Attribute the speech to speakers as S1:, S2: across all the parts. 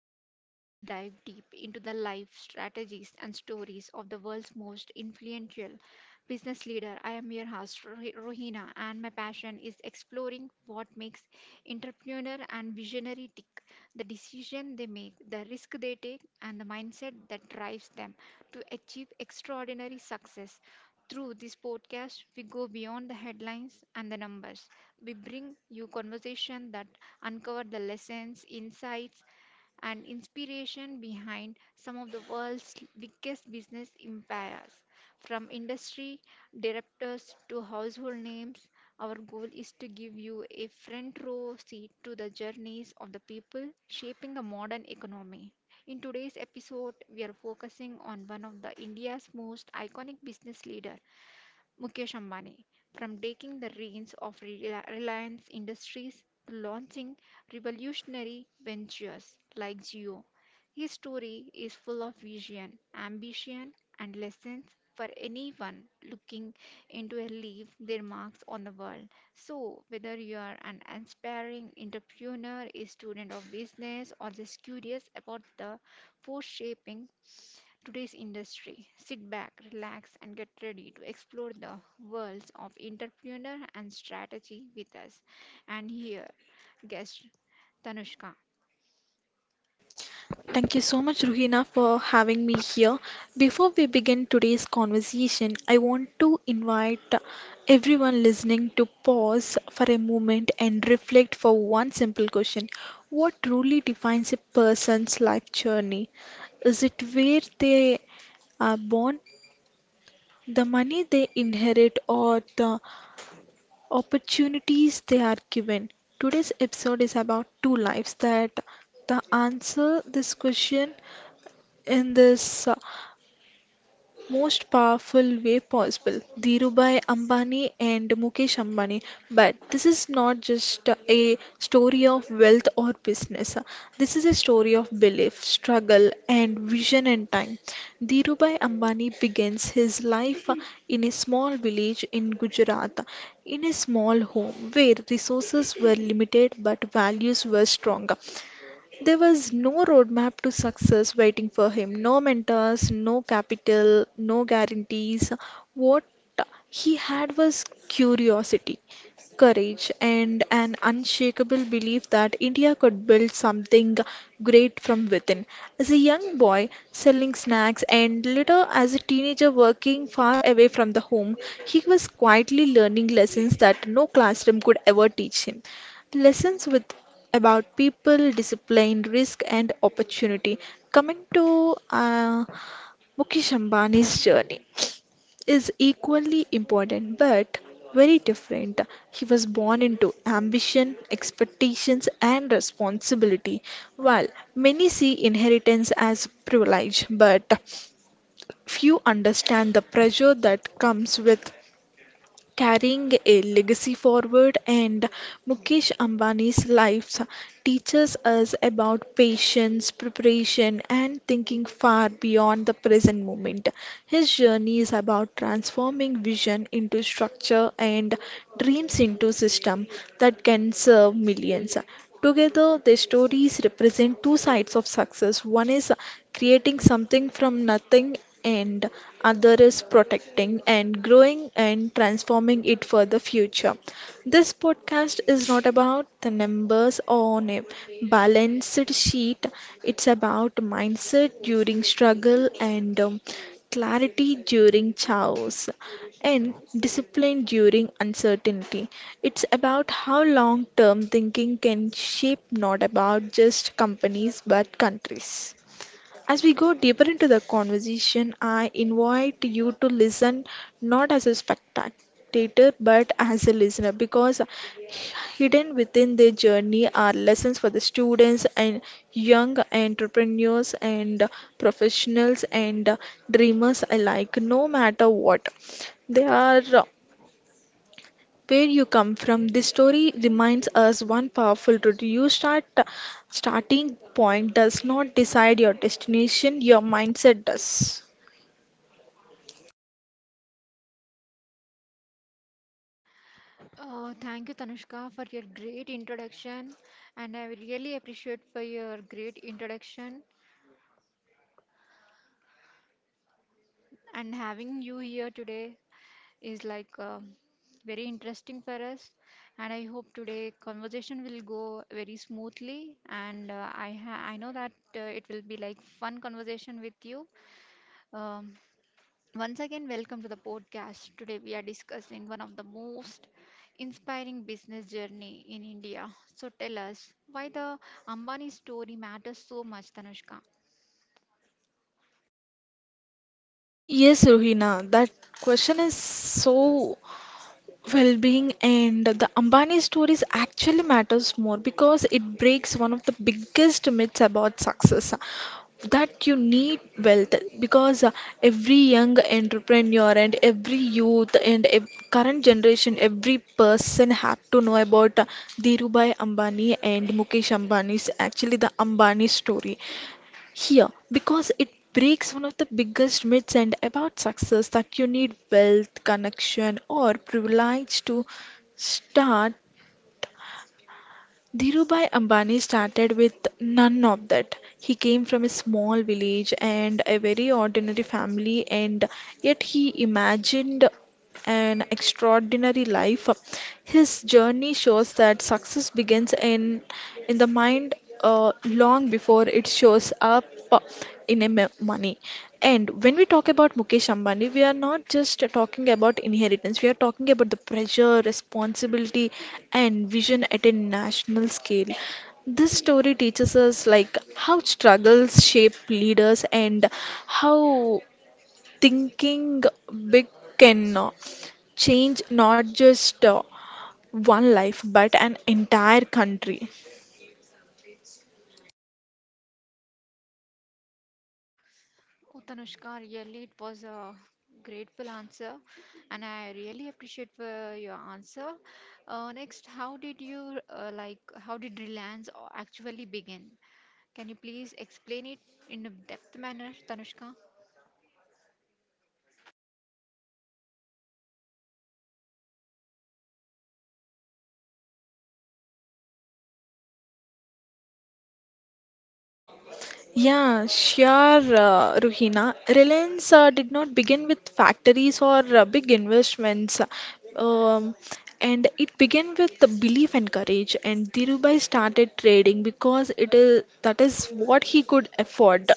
S1: the show where we dive deep into the life, strategies, and stories of the world's most influential business leader. I am your host, Rohina, and my passion is exploring what makes entrepreneur and visionary tick, the decision they make, the risk they take, and the mindset that drives them to achieve extraordinary success. Through this podcast, we go beyond the headlines and the numbers. We bring you conversation that uncover the lessons, insights, and inspiration behind some of the world's biggest business empires. From industry directors to household names, our goal is to give you a front row seat to the journeys of the people shaping the modern economy. In today's episode, we are focusing on one of the India's most iconic business leader, Mukesh Ambani, from taking the reins of Reliance Industries to launching revolutionary ventures like Jio. His story is full of vision, ambition, and lessons for anyone looking into a leave their marks on the world. So, whether you are an aspiring entrepreneur, a student of business, or just curious about the force shaping today's industry. Sit back, relax, and get ready to explore the worlds of entrepreneur and strategy with us. And here, guest Tanushka.
S2: Thank you so much, Ruhina, for having me here. Before we begin today's conversation, I want to invite everyone listening to pause for a moment and reflect for one simple question. What truly defines a person's life journey? Is it where they are born, the money they inherit, or the opportunities they are given? Today's episode is about two lives that the answer this question in this most powerful way possible: Dhirubhai Ambani and Mukesh Ambani. But this is not just a story of wealth or business, this is a story of belief, struggle, and vision and time. Dhirubhai Ambani begins his life in a small village in Gujarat, in a small home where resources were limited but values were strong. There was no roadmap to success waiting for him, no mentors, no capital, no guarantees. What he had was curiosity, courage, and an unshakable belief that India could build something great from within. As a young boy, selling snacks, and later as a teenager, working far away from the home, he was quietly learning lessons that no classroom could ever teach him, lessons with about people, discipline, risk, and opportunity. Coming to Mukesh Ambani's journey is equally important but very different. He was born into ambition, expectations, and responsibility. While many see inheritance as privilege, but few understand the pressure that comes with carrying a legacy forward, and Mukesh Ambani's life teaches us about patience, preparation, and thinking far beyond the present moment. His journey is about transforming vision into structure and dreams into system that can serve millions. Together, their stories represent two sides of success. One is creating something from nothing, and other is protecting and growing and transforming it for the future. This podcast is not about the numbers on a balanced sheet, it's about mindset during struggle and clarity during chaos and discipline during uncertainty. It's about how long term thinking can shape not about just companies but countries. As we go deeper into the conversation, I invite you to listen not as a spectator but as a listener, because hidden within their journey are lessons for the students and young entrepreneurs and professionals and dreamers alike, no matter what they are. Where you come from, this story reminds us one powerful truth. Your start, starting point does not decide your destination, your mindset does.
S1: Thank you, Tanushka, for your great introduction, and I really appreciate for your great introduction and having you here today is like very interesting for us. And I hope today conversation will go very smoothly. And I know that it will be like fun conversation with you. Um, Once again, welcome to the podcast. Today we are discussing one of the most inspiring business journey in India. So tell us why the Ambani story matters so much, Tanushka.
S2: Yes, Ruhina, that question is so well-being and the Ambani stories actually matters more because it breaks one of the biggest myths about success, that you need wealth because every young entrepreneur and every youth and ev- current generation every person have to know about Dhirubhai Ambani and Mukesh Ambani's actually the Ambani story here, because it breaks one of the biggest myths and about success that you need wealth, connection, or privilege to start. Dhirubhai Ambani started with none of that. He came from a small village and a very ordinary family, and yet he imagined an extraordinary life. His journey shows that success begins in the mind long before it shows up in a m- money. And when we talk about Mukesh Ambani, we are not just talking about inheritance, we are talking about the pressure, responsibility, and vision at a national scale. This story teaches us like how struggles shape leaders and how thinking big can change not just one life but an entire country.
S1: Oh, Tanushka, really, it was a grateful answer, and I really appreciate for your answer. Next, how did you like? How did actually begin? Can you please explain it in a depth manner, Tanushka?
S2: Yeah, sure, Ruhina. Reliance did not begin with factories or big investments, um, and it began with the belief and courage. And Dhirubhai started trading because it is that is what he could afford.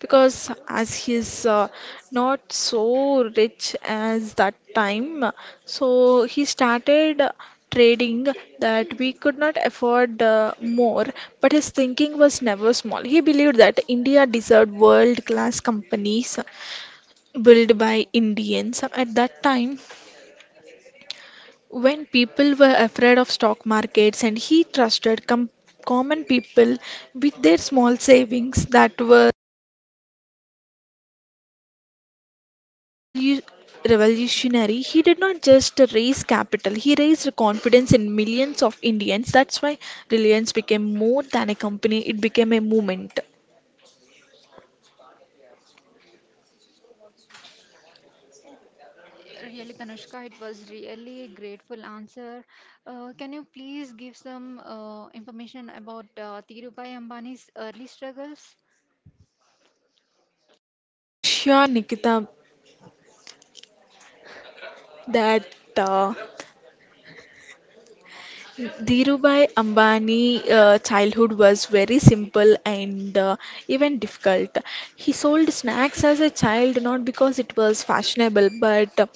S2: Because as he's not so rich as that time, so he started trading that we could not afford more, but his thinking was never small. He believed that India deserved world class companies built by Indians. At that time when people were afraid of stock markets, and he trusted common people with their small savings. That were revolu- revolutionary. He did not just raise capital, he raised confidence in millions of Indians. That's why Reliance became more than a company, it became a movement.
S1: Really, Tanushka, it was really a grateful answer. Can you please give some information about Dhirubhai Ambani's early struggles?
S2: Sure, Nikita, that uh, Dhirubhai Ambani childhood was very simple and even difficult. He sold snacks as a child not because it was fashionable but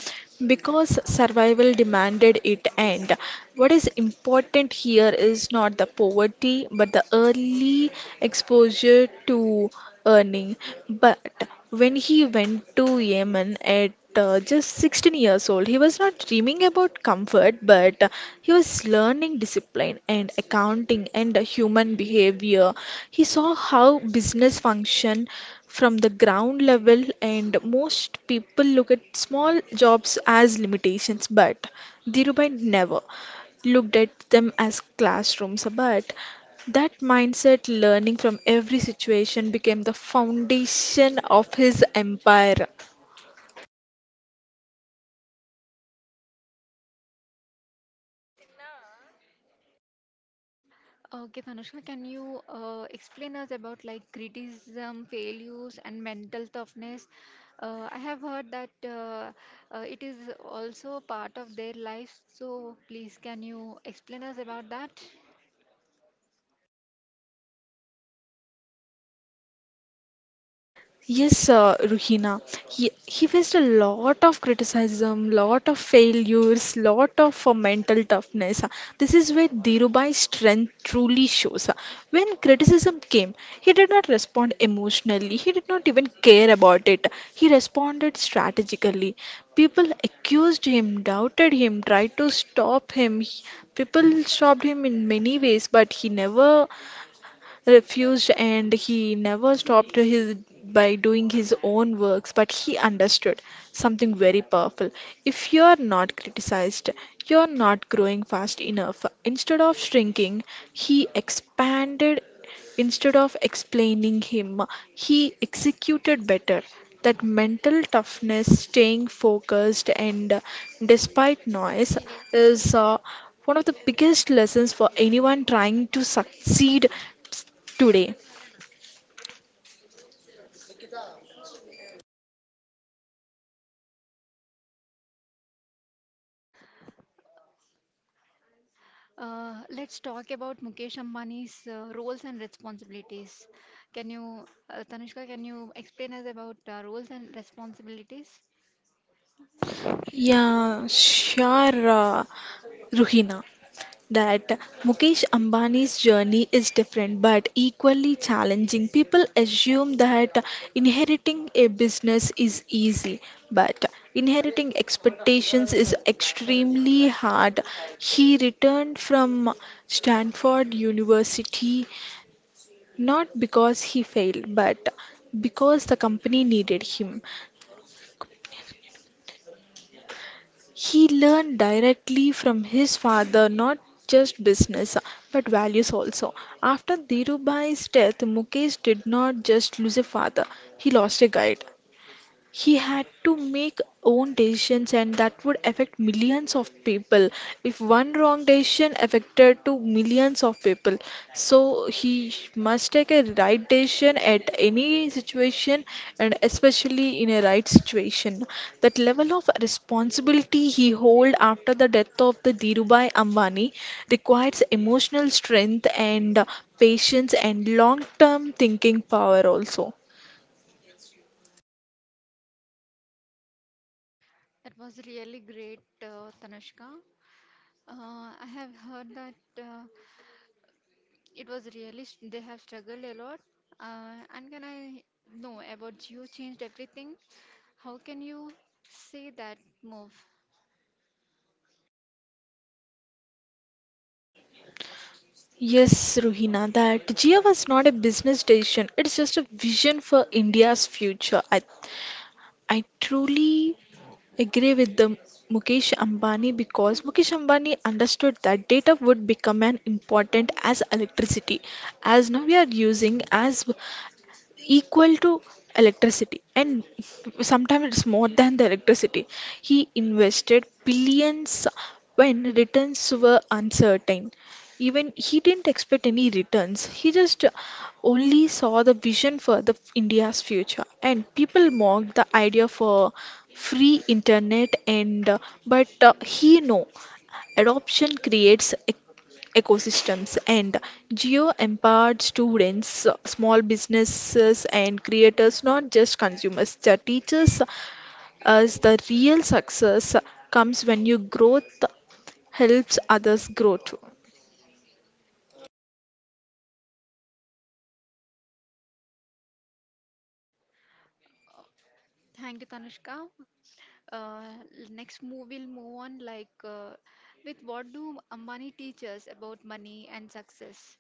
S2: because survival demanded it, and what is important here is not the poverty but the early exposure to earning. But when he went to Yemen at just 16 years old, he was not dreaming about comfort, but he was learning discipline and accounting and human behavior. He saw how business function from the ground level, and most people look at small jobs as limitations, but Dhirubhai never looked at them as classrooms. But that mindset, learning from every situation, became the foundation of his empire.
S1: Okay, Tanushka, can you explain us about like criticism, failures, and mental toughness? I have heard that it is also part of their lives. So please, can you explain us about that?
S2: Yes, Ruhina. He faced a lot of criticism, lot of failures, lot of mental toughness. This is where Dhirubai's strength truly shows. When criticism came, he did not respond emotionally. He did not even care about it. He responded strategically. People accused him, doubted him, tried to stop him. People stopped him in many ways, but he never refused and he never stopped his by doing his own works. But he understood something very powerful: if you are not criticized, you are not growing fast enough. Instead of shrinking, he expanded. Instead of explaining him, he executed better. That mental toughness, staying focused, and despite noise, is one of the biggest lessons for anyone trying to succeed today.
S1: Let's talk about Mukesh Ambani's roles and responsibilities. Can you, Tanushka, can you explain us about roles and responsibilities?
S2: Yeah, sure, Ruhina. That Mukesh Ambani's journey is different but equally challenging. People assume that inheriting a business is easy, but inheriting expectations is extremely hard. He returned from Stanford University not because he failed, but because the company needed him. He learned directly from his father not just business but values also. After Dhirubhai's death, Mukesh did not just lose a father, he lost a guide. He had to make own decisions and that would affect millions of people. If one wrong decision affected to millions of people, so he must take a right decision at any situation and especially in a right situation. That level of responsibility he hold after the death of the Dhirubhai Ambani requires emotional strength and patience and long-term thinking power also.
S1: That was really great, Tanushka. I have heard that it was really, they have struggled a lot. And can I know about you changed everything? How can you say that move?
S2: Yes, Ruhina, that Jia was not a business decision. It's just a vision for India's future. I truly agree with the Mukesh Ambani, because Mukesh Ambani understood that data would become an important as electricity, as now we are using as equal to electricity, and sometimes it's more than the electricity. He invested billions when returns were uncertain. Even he didn't expect any returns, he just only saw the vision for the India's future. And people mocked the idea for free internet and but he know adoption creates ecosystems, and Geo-empowered students, small businesses and creators, not just consumers. The teachers as the real success comes when your growth helps others grow too.
S1: Uh, Thank you, Tanushka. Uh, Next move we will move on like with what do money teach us about money and success?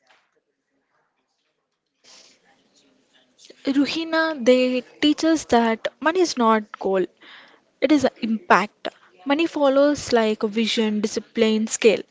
S2: Ruhina, they teach us that money is not goal. It is impact. Money follows like vision, discipline, scale.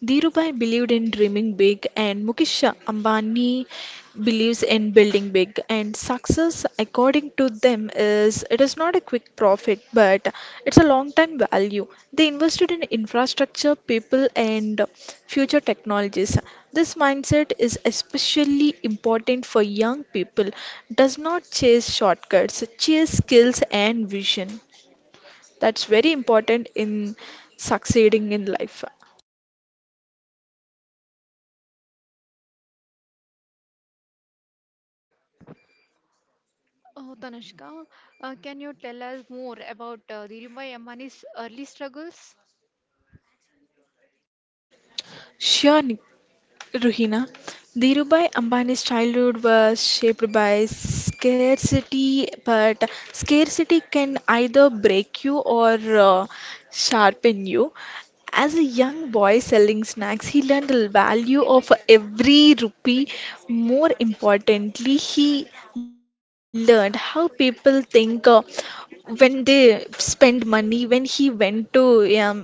S2: Dhirubhai believed in dreaming big, and Mukesh Ambani believes in building big. And success, according to them, is it is not a quick profit, but it's a long-term value. They invested in infrastructure, people, and future technologies. This mindset is especially important for young people. Does not chase shortcuts, chase skills and vision. That's very important in succeeding in life.
S1: Oh, Tanushka, can you tell us more about Dhirubhai Ambani's early struggles?
S2: Sure, Nick. Ruhina, Dhirubhai Ambani's childhood was shaped by scarcity, but scarcity can either break you or sharpen you. As a young boy selling snacks, he learned the value of every rupee. More importantly, he learned how people think when they spend money. When he went to um,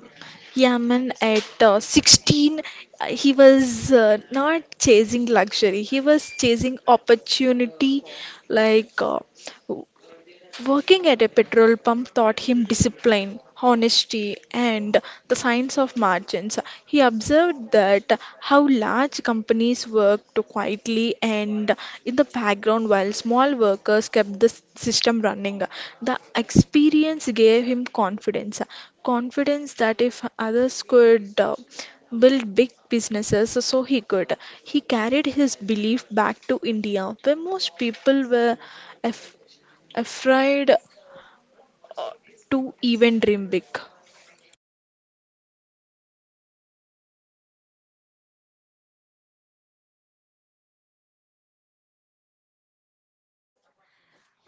S2: yeah, man, at 16, he was not chasing luxury, he was chasing opportunity. Like, uh, Working at a petrol pump taught him discipline, honesty, and the science of margins. He observed that how large companies worked quietly and in the background, while small workers kept the system running. The experience gave him confidence, confidence that if others could build big businesses so he could. He carried his belief back to India where most people were afraid to even dream big.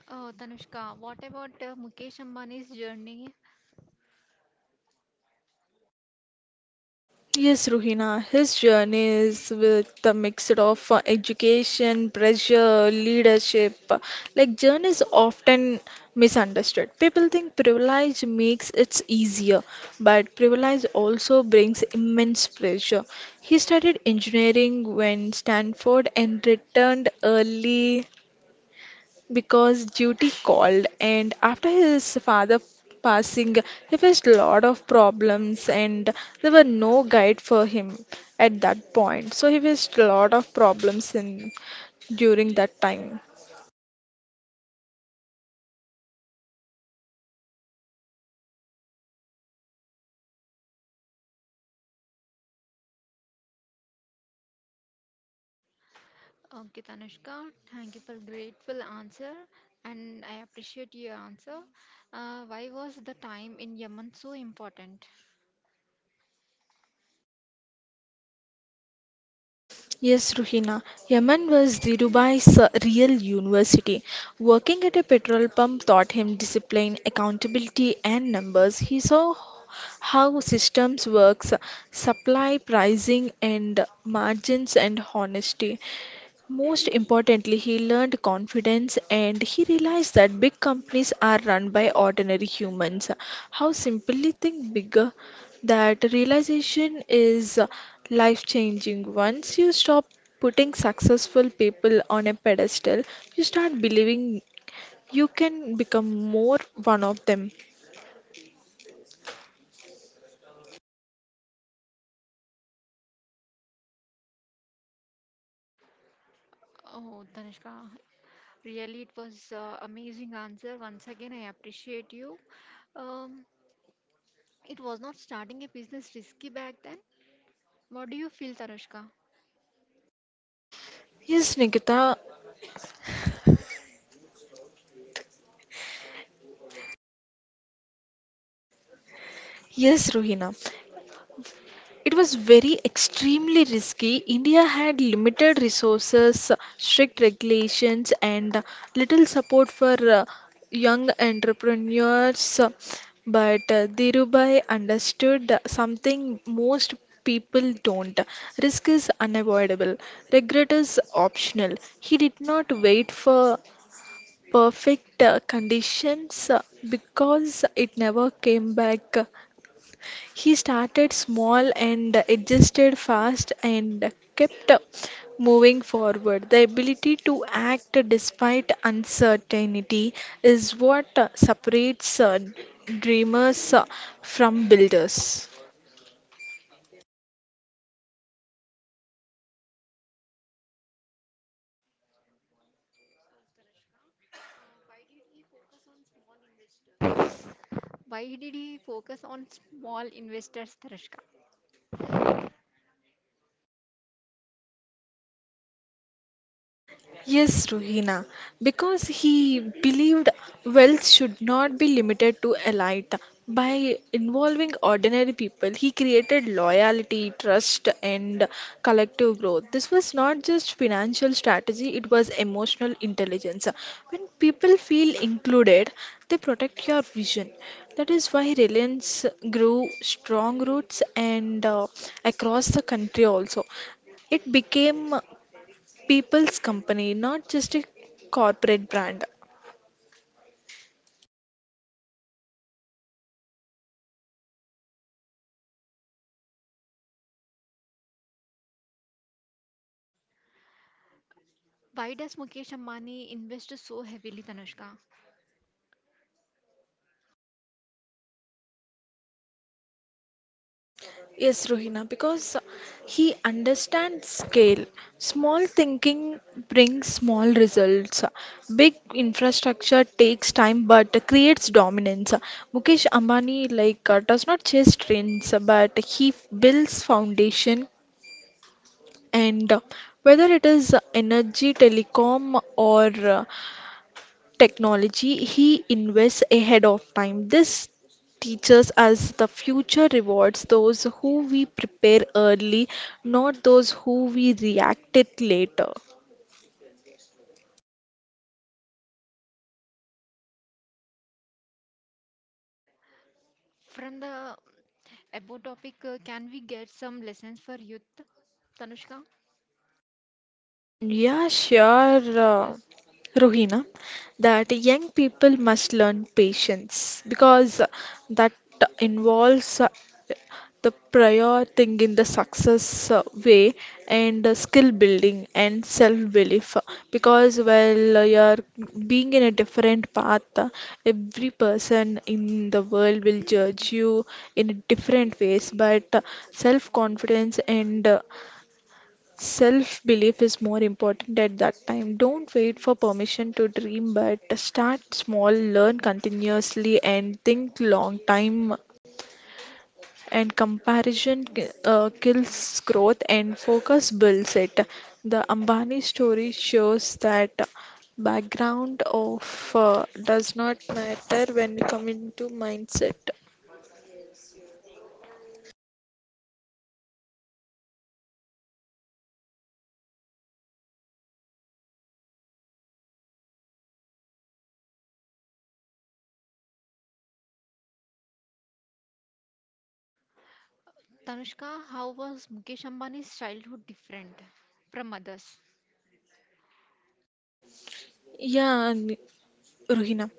S1: Oh, Tanushka, what about Mukesh Ambani's journey.
S2: Yes, Ruhina, his journey is with a mix of education, pressure, leadership. Like, journey is often misunderstood. People think privilege makes it easier, but privilege also brings immense pressure. He studied engineering when Stanford and returned early because duty called, and after his father passing he faced a lot of problems, and there were no guide for him at that point, so he faced a lot of problems in during that time.
S1: Okay, Tanushka, thank you for grateful answer, and I appreciate your answer. Why was the time in Yemen so important?
S2: Yes, Ruhina. Yaman was Dhirubhai's real university. Working at a petrol pump taught him discipline, accountability, and numbers. He saw how systems works, supply pricing and margins and honesty. Most importantly, he learned confidence and he realized that big companies are run by ordinary humans. How simply think bigger. That realization is life changing. Once you stop putting successful people on a pedestal, you start believing you can become more one of them.
S1: Oh, Tanushka, really, it was amazing answer. Once again, I appreciate you. Um, it was not starting a business risky back then. What do you feel, Tanushka?
S2: Yes, Nikita. Yes, Ruhina. It was very extremely risky. India had limited resources, strict regulations, and little support for young entrepreneurs. But Dhirubhai understood something most people don't. Risk is unavoidable, regret is optional. He did not wait for perfect conditions because it never came back. He started small and adjusted fast and kept moving forward. The ability to act despite uncertainty is what separates dreamers from builders.
S1: Why did he focus on small investors, Tanushka?
S2: Yes, Ruhina, because he believed wealth should not be limited to elite. By involving ordinary people, he created loyalty, trust, and collective growth. This was not just financial strategy, it was emotional intelligence. When people feel included, they protect your vision. That is why Reliance grew strong roots and across the country also. It became people's company, not just a corporate brand.
S1: Why does Mukesh Ambani invest so heavily, Tanushka?
S2: Yes, Rohina, because he understands scale. Small thinking brings small results. Big infrastructure takes time but creates dominance. Mukesh Ambani does not chase trends, but he builds foundation and whether it is energy, telecom, or uh, technology, he invests ahead of time. This teaches us the future rewards those who we prepare early, not those who we react it later.
S1: From the About topic, can we get some lessons for youth? Tanushka?
S2: Yeah, sure, Rohina, that young people must learn patience because that involves the prior thing in the success way and skill building and self-belief because while you're being in a different path, every person in the world will judge you in different ways, but self-confidence and Self belief is more important at that time. Don't wait for permission to dream, but start small, learn continuously, and think long time. And comparison kills growth, and focus builds it. The Ambani story shows that background of does not matter when you come into mindset.
S1: Tanushka, how was Mukesh Ambani's childhood different from others?
S2: Yeah, Ruhina.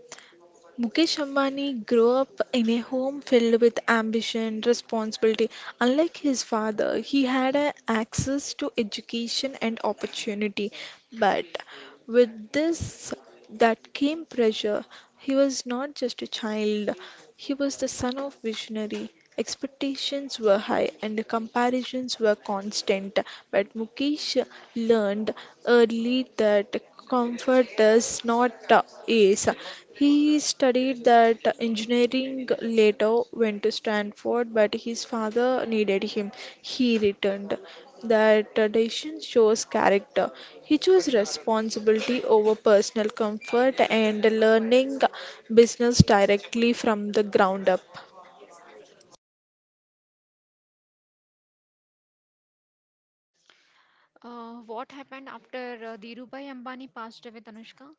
S2: Mukesh Ambani grew up in a home filled with ambition, responsibility. Unlike his father, he had a access to education and opportunity. But with this that came pressure. He was not just a child, he was the son of visionary. Expectations were high and comparisons were constant, but Mukesh learned early that comfort does not ease. He studied that engineering later went to Stanford, but his father needed him. He returned. That tradition shows character. He chose responsibility over personal comfort and learning business directly from the ground up.
S1: What happened after Dhirubhai Ambani passed away, Tanushka?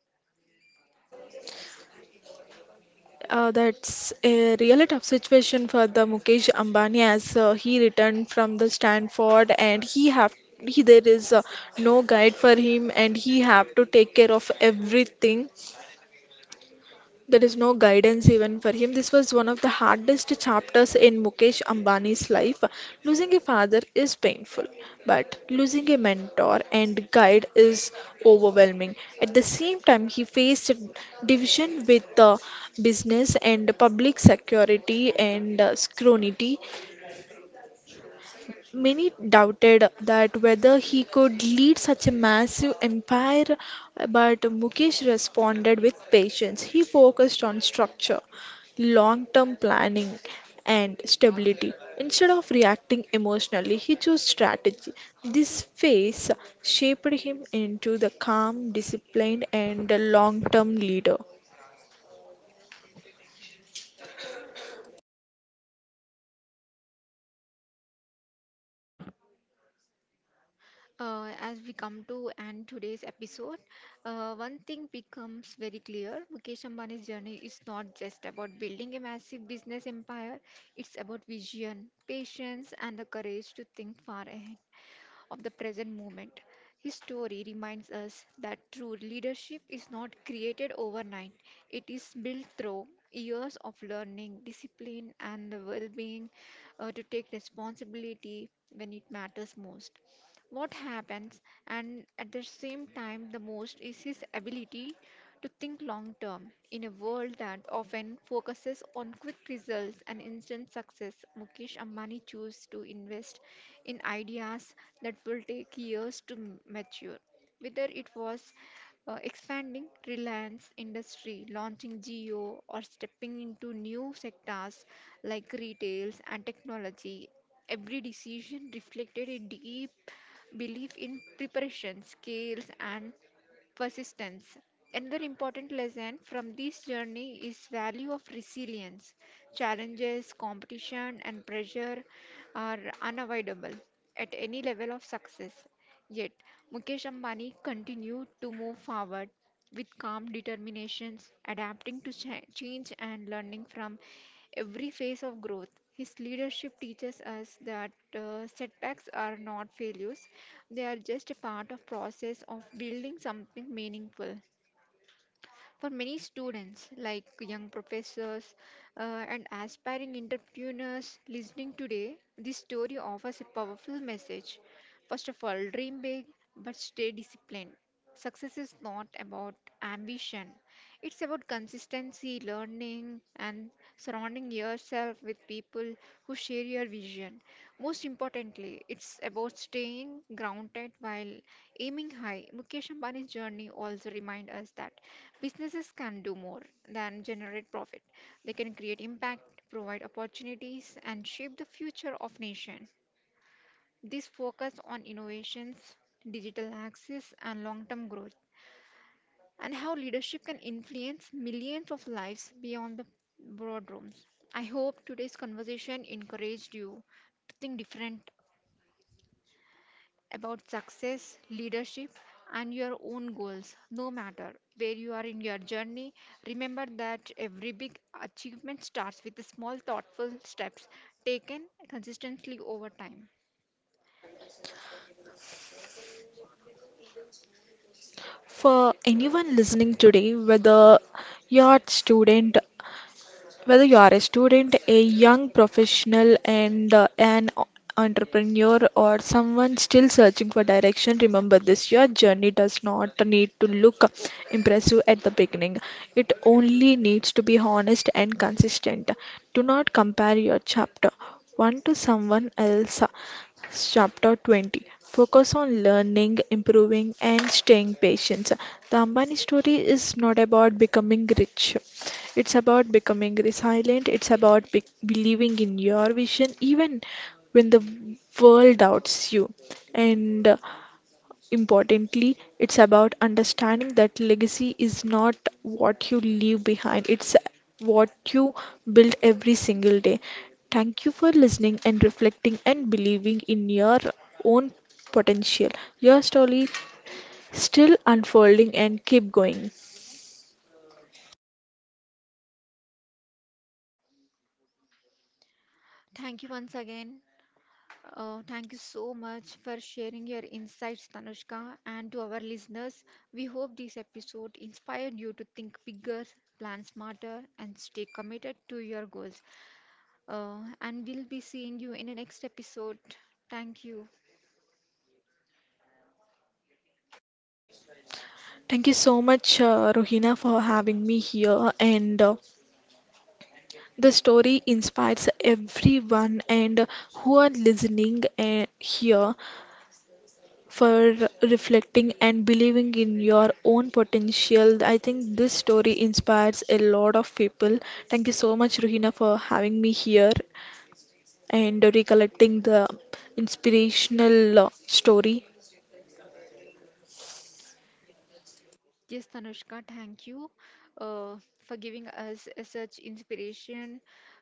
S2: That's a really tough situation for the Mukesh Ambani as he returned from the Stanford and he have he there is no guide for him and he have to take care of everything there is no guidance even for him. This was one of the hardest chapters in Mukesh Ambani's life. Losing a father is painful, but losing a mentor and guide is overwhelming. At the same time, he faced division with business and public security and scrutiny. Many doubted that whether he could lead such a massive empire, but Mukesh responded with patience. He focused on structure, long term planning, and stability. Instead of reacting emotionally, he chose strategy. This phase shaped him into the calm, disciplined, and long term leader.
S1: As we come to end today's episode, one thing becomes very clear. Mukesh Ambani's journey is not just about building a massive business empire, it's about vision, patience, and the courage to think far ahead of the present moment. His story reminds us that true leadership is not created overnight, it is built through years of learning, discipline, and the well being to take responsibility when it matters most. What happens, and at the same time, the most is his ability to think long term in a world that often focuses on quick results and instant success. Mukesh Ambani chose to invest in ideas that will take years to mature. Whether it was expanding Reliance industry, launching geo, or stepping into new sectors like retails and technology, every decision reflected a deep belief in preparation, skills, and persistence. Another important lesson from this journey is value of resilience. Challenges, competition and pressure are unavoidable at any level of success. Yet Mukesh Ambani continued to move forward with calm determinations, adapting to change and learning from every phase of growth. His leadership teaches us that setbacks are not failures, they are just a part of process of building something meaningful. For many students, like young professors and aspiring entrepreneurs listening today, this story offers a powerful message. First of all, dream big, but stay disciplined. Success is not about ambition, it's about consistency, learning, and surrounding yourself with people who share your vision. Most importantly, it's about staying grounded while aiming high. Mukesh Ambani's journey also reminds us that businesses can do more than generate profit. They can create impact, provide opportunities, and shape the future of nation. This focus on innovations, digital access, and long-term growth, and how leadership can influence millions of lives beyond the boardrooms. I hope today's conversation encouraged you to think different about success, leadership, and your own goals, no matter where you are in your journey. Remember that every big achievement starts with the small, thoughtful steps taken consistently over time.
S2: For anyone listening today, you're a student, Whether you are a student, a young professional, and an o- entrepreneur, or someone still searching for direction, remember this your journey does not need to look impressive at the beginning. It only needs to be honest and consistent. Do not compare your chapter one to someone else. Chapter 20 Focus on learning, improving, and staying patient. The Ambani story is not about becoming rich, it's about becoming resilient, it's about believing in your vision even when the world doubts you. And Importantly, it's about understanding that legacy is not what you leave behind, it's what you build every single day. Thank you for listening and reflecting and believing in your own potential. Your story still unfolding and keep going.
S1: Thank you once again. Thank you so much for sharing your insights, Tanushka, and to our listeners. We hope this episode inspired you to think bigger, plan smarter, and stay committed to your goals. And we'll be seeing you in the next episode. Thank you.
S2: Thank you so much, Rohina, for having me here. And The story inspires everyone and who are listening here for reflecting and believing in your own potential. I think this story inspires a lot of people. Thank you so much, Ruhina, for having me here and recollecting the inspirational story.
S1: Yes, Tanushka, thank you uh, for giving us such inspiration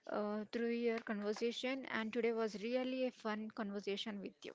S1: through your conversation. And today was really a fun conversation with you.